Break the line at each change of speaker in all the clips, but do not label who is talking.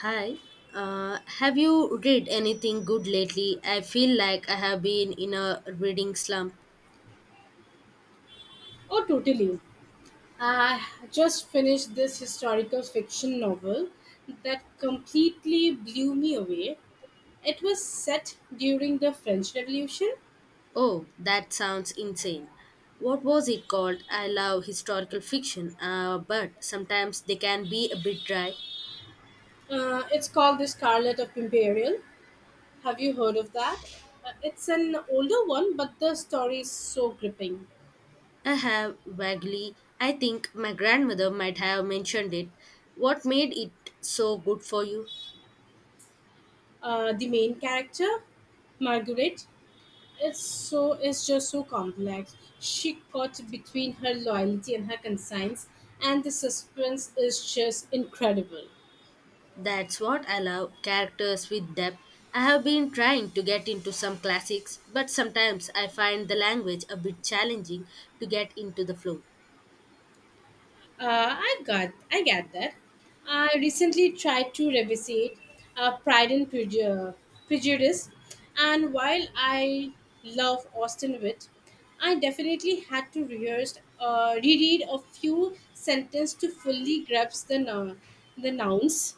Hi. Have you read anything good lately? I feel like I have been in a reading slump.
Oh, totally. I just finished this historical fiction novel that completely blew me away. It was set during the French Revolution.
Oh, that sounds insane. What was it called? I love historical fiction, but sometimes they can be a bit dry.
It's called The Scarlet of Imperial. Have you heard of that? It's an older one, but the story is so gripping.
I have vaguely, I think my grandmother might have mentioned it. What made it so good for you?
The main character, Margaret, it's just so complex. She caught between her loyalty and her conscience, and the suspense is just incredible.
That's what I love, characters with depth. I have been trying to get into some classics, but sometimes I find the language a bit challenging to get into the flow.
I get that. I recently tried to revisit uh, Pride and Preju- Prejudice, and while I love Austin Witt, I definitely had to rehearse reread a few sentences to fully grasp the the nouns.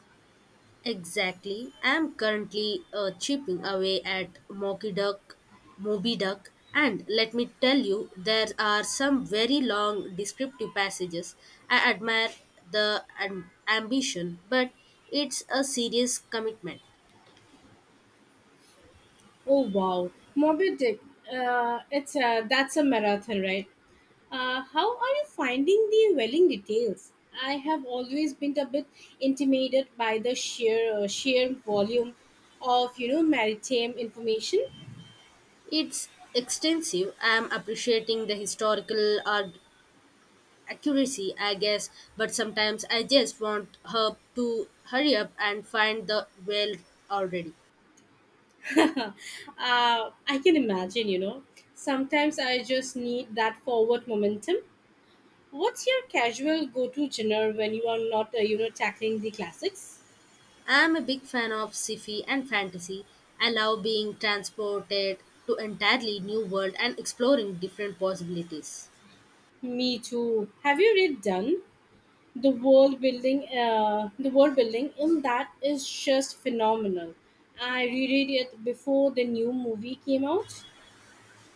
Exactly. I am currently chipping away at Moby Duck, and let me tell you, there are some very long descriptive passages. I admire the ambition, but it's a serious commitment.
Oh wow, Moby Dick. That's a marathon, right? How are you finding the welling details? I have always been a bit intimidated by the sheer volume of maritime information.
It's extensive. I'm appreciating the historical accuracy, I guess, but sometimes I just want her to hurry up and find the well already.
uh, I can imagine, Sometimes I just need that forward momentum. What's your casual go-to genre when you are not tackling the classics?
I'm a big fan of sci-fi and fantasy. I love being transported to entirely new world and exploring different possibilities.
Me too. Have you read Done? The world building in that is just phenomenal. I reread it before the new movie came out.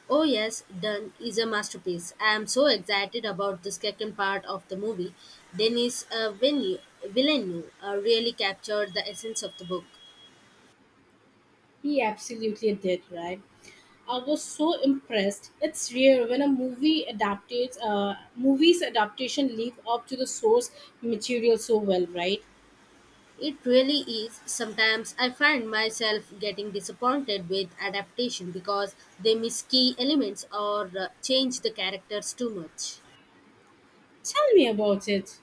Oh yes, Done is a masterpiece. I am so excited about the second part of the movie. Denis Villeneuve really captured the essence of the book.
He absolutely did, right? I was so impressed. It's rare when a movies adaptation live up to the source material so well, right?
It really is. Sometimes I find myself getting disappointed with adaptation because they miss key elements or change the characters too much.
Tell me about it.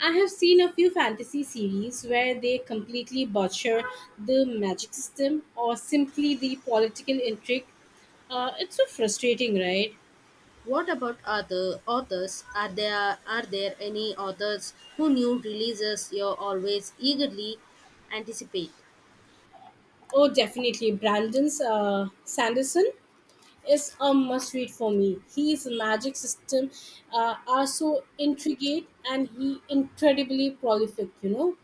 I have seen a few fantasy series where they completely butcher the magic system or simply the political intrigue. It's so frustrating, right?
What about other authors? Are there any authors who new releases you always eagerly anticipate?
Oh, definitely. Brandon's Sanderson is a must read for me. His magic system are so intricate and he incredibly prolific,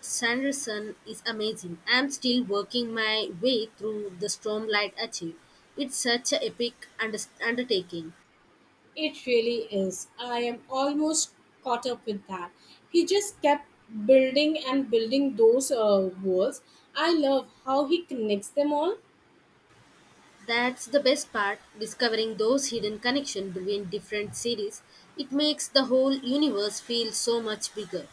Sanderson is amazing. I'm still working my way through the Stormlight Archive. It's such a epic unders undertaking.
It really is. I am almost caught up with that. He just kept building and building those walls. I love how he connects them all.
That's the best part, discovering those hidden connections between different series. It makes the whole universe feel so much bigger.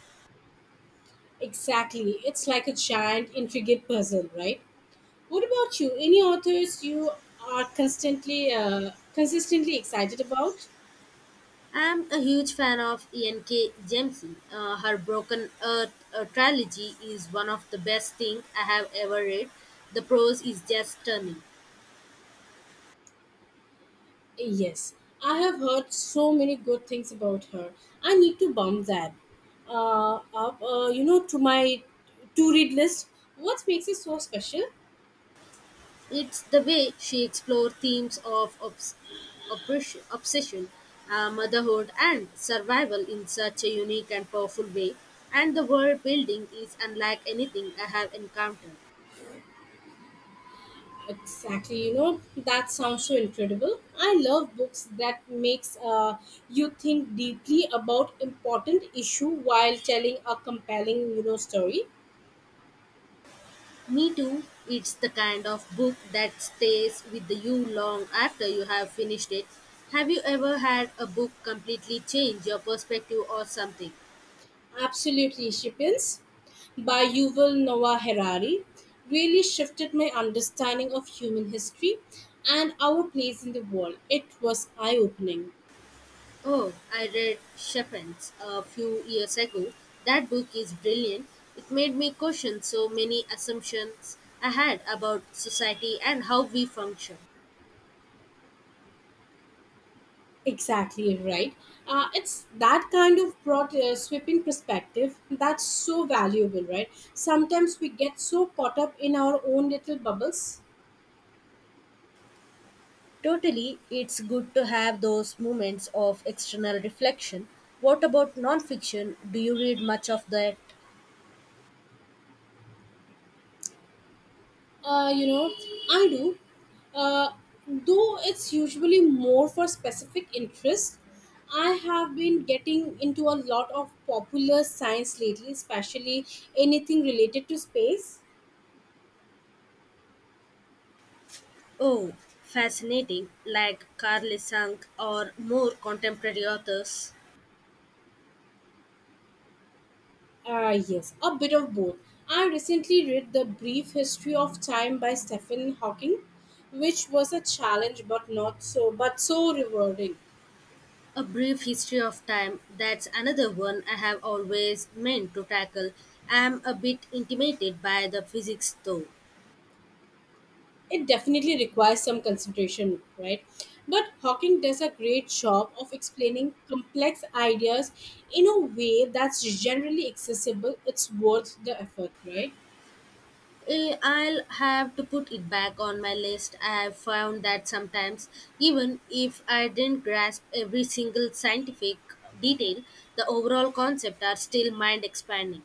Exactly. It's like a giant, intricate puzzle, right? What about you? Any authors you are consistently excited about?
I'm a huge fan of E.N.K. Jemisin. Her Broken Earth trilogy is one of the best things I have ever read. The prose is just stunning.
Yes, I have heard so many good things about her. I need to bump that to my to-read list. What makes it so special?
It's the way she explored themes of obsession, motherhood, and survival in such a unique and powerful way, and the world building is unlike anything I have encountered.
Exactly, that sounds so incredible. I love books that makes you think deeply about important issue while telling a compelling story.
Me too, it's the kind of book that stays with you long after you have finished it. Have you ever had a book completely change your perspective or something?
Absolutely, Shippins by Yuval Noah Harari really shifted my understanding of human history and our place in the world. It was eye opening.
Oh, I read Shepherd's a few years ago. That book is brilliant. It made me question so many assumptions I had about society and how we function.
Exactly right. It's that kind of broad, sweeping perspective that's so valuable, right? Sometimes we get so caught up in our own little bubbles.
Totally, it's good to have those moments of external reflection. What about nonfiction? Do you read much of that?
Uh, you know, I do. Uh, though it's usually more for specific interests. I have been getting into a lot of popular science lately, especially anything related to space.
Oh, fascinating, like Carl Sang or more contemporary authors.
Yes, a bit of both. I recently read The Brief History of Time by Stephen Hawking, which was a challenge but not so but so rewarding.
A Brief History of Time, that's another one I have always meant to tackle. I'm a bit intimidated by the physics though.
It definitely requires some concentration, right? But Hawking does a great job of explaining complex ideas in a way that's generally accessible. It's worth the effort, right?
Eh, I'll have to put it back on my list. I have found that sometimes, even if I didn't grasp every single scientific detail, the overall concept are still mind expanding.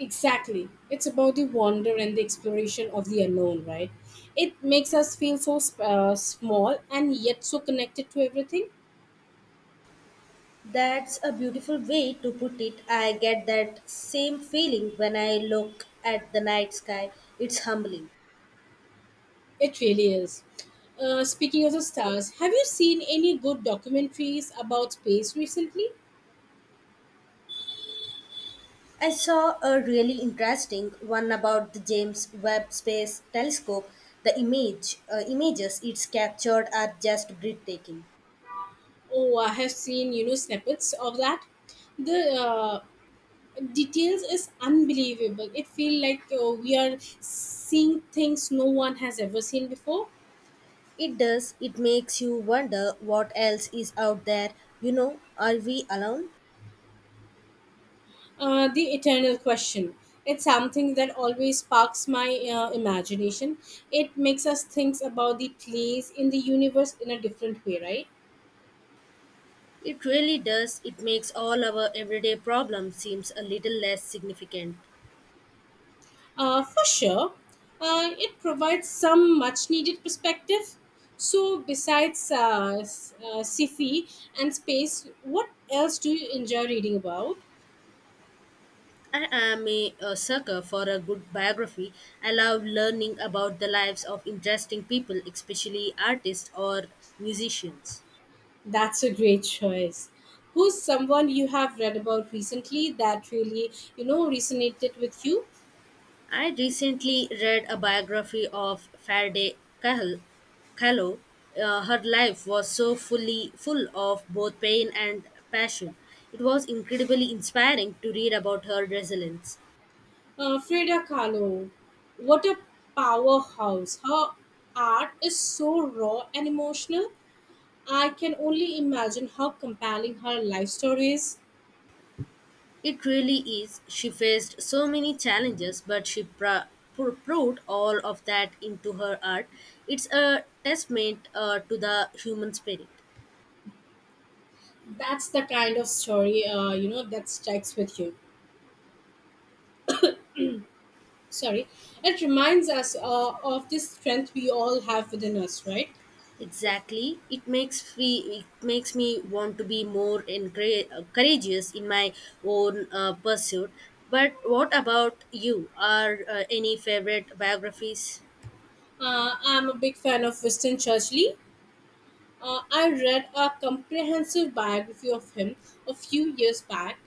Exactly. It's about the wonder and the exploration of the unknown, right? It makes us feel so small and yet so connected to everything.
That's a beautiful way to put it. I get that same feeling when I look at the night sky. It's humbling.
It really is. Speaking of the stars, have you seen any good documentaries about space recently?
I saw a really interesting one about the James Webb Space Telescope. The images it's captured are just breathtaking.
Oh, I have seen snippets of that. The details is unbelievable. It feel like we are seeing things no one has ever seen before.
It does, it makes you wonder what else is out there. You know, are we alone?
The eternal question. It's something that always sparks my imagination. It makes us think about the place in the universe in a different way, right?
It really does. It makes all our everyday problems seems a little less significant.
For sure, it provides some much needed perspective. So, besides sci fi and space, what else do you enjoy reading about?
I am a sucker for a good biography. I love learning about the lives of interesting people, especially artists or musicians.
That's a great choice. Who's someone you have read about recently that really resonated with you?
I recently read a biography of Kahlo. Her life was so full of both pain and passion. It was incredibly inspiring to read about her resilience.
Frida Kahlo. What a powerhouse. Her art is so raw and emotional. I can only imagine how compelling her life story is.
It really is. She faced so many challenges, but she proved all of that into her art. It's a testament to the human spirit.
That's the kind of story that strikes with you. Sorry, it reminds us of this strength we all have within us, right?
Exactly. It makes free. It makes me want to be more courageous in my own pursuit. But what about you? Are any favorite biographies?
I'm a big fan of Winston Churchill. I read a comprehensive biography of him a few years back,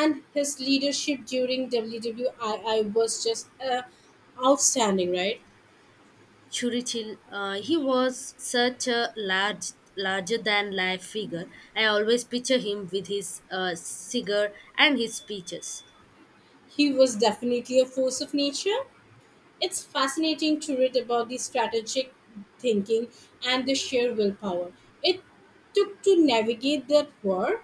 and his leadership during WWI was just outstanding, right?
Churchill. He was such a larger than life figure. I always picture him with his cigar and his speeches.
He was definitely a force of nature. It's fascinating to read about the strategic thinking and the sheer willpower it took to navigate that war.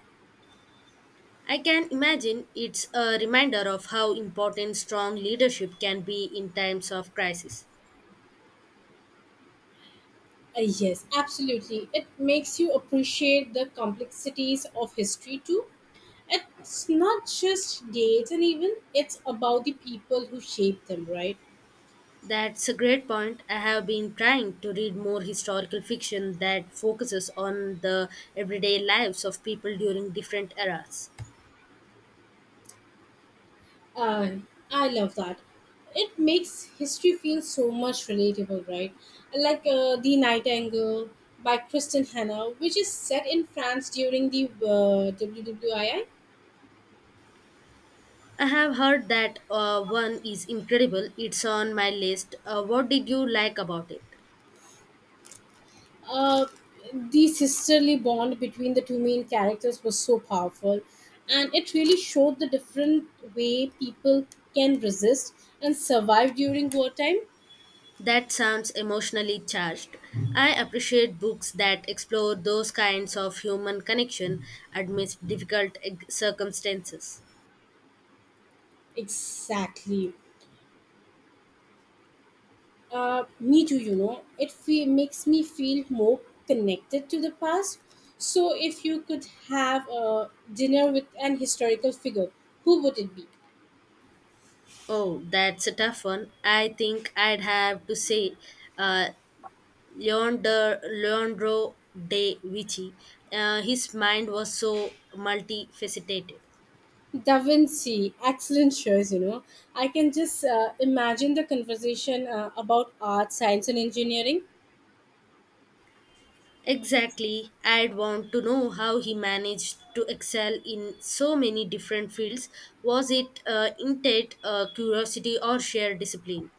I can imagine it's a reminder of how important strong leadership can be in times of crisis.
Yes, absolutely. It makes you appreciate the complexities of history too. It's not just dates and even it's about the people who shaped them, right?
That's a great point. I have been trying to read more historical fiction that focuses on the everyday lives of people during different eras.
Uh, I love that. It makes history feel so much relatable, right? Like The Nightingale by Kristen Hanna, which is set in France during the WWII.
I have heard that one is incredible. It's on my list. What did you like about it?
Uh, the sisterly bond between the two main characters was so powerful, and it really showed the different way people can resist and survive during wartime.
That sounds emotionally charged. I appreciate books that explore those kinds of human connection amidst difficult circumstances.
Exactly. Me too. It makes me feel more connected to the past. So, if you could have a dinner with an historical figure, who would it be?
Oh, that's a tough one. I think I'd have to say uh, Leonardo da Vinci. His mind was so multifaceted.
Da Vinci, excellent choice. I can just imagine the conversation about art, science, and engineering.
Exactly. I'd want to know how he managed to excel in so many different fields. Was it innate curiosity or sheer discipline?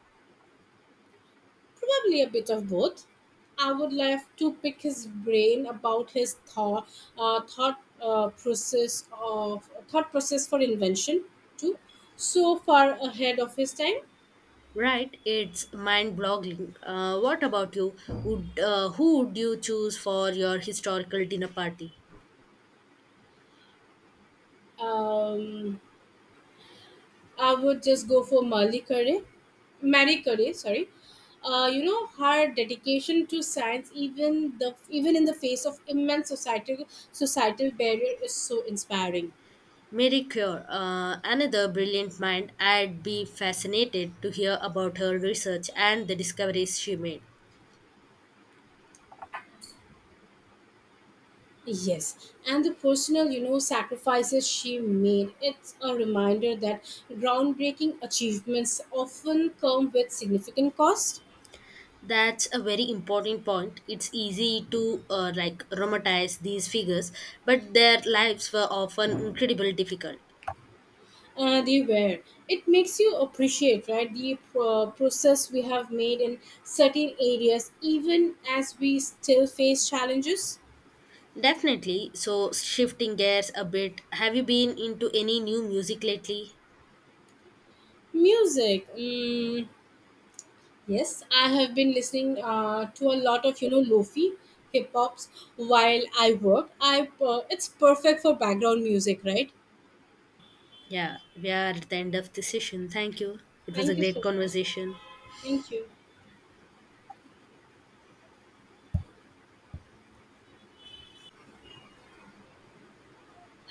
Probably a bit of both. I would love to pick his brain about his thought process for invention too. So far ahead of his time.
Right, it's mind-boggling. What about you? Would Who would you choose for your historical dinner party?
um, I would just go for Marie Curie. Marie Curie, sorry. You know her dedication to science, even the even in the face of immense societal barrier, is so inspiring.
Mary Cure, another brilliant mind, I'd be fascinated to hear about her research and the discoveries she made.
Yes, and the personal sacrifices she made. It's a reminder that groundbreaking achievements often come with significant cost.
That's a very important point. It's easy to romanticize these figures, but their lives were often incredibly difficult.
They were. It makes you appreciate, right, the process we have made in certain areas, even as we still face challenges.
Definitely. So shifting gears a bit, have you been into any new music lately?
Music. Yes, I have been listening to a lot of lofi hip hops while I work. I It's perfect for background music, right?
Yeah, we are at the end of the session. Thank you. It was a
Thank you
great
so much.
conversation.
Thank you.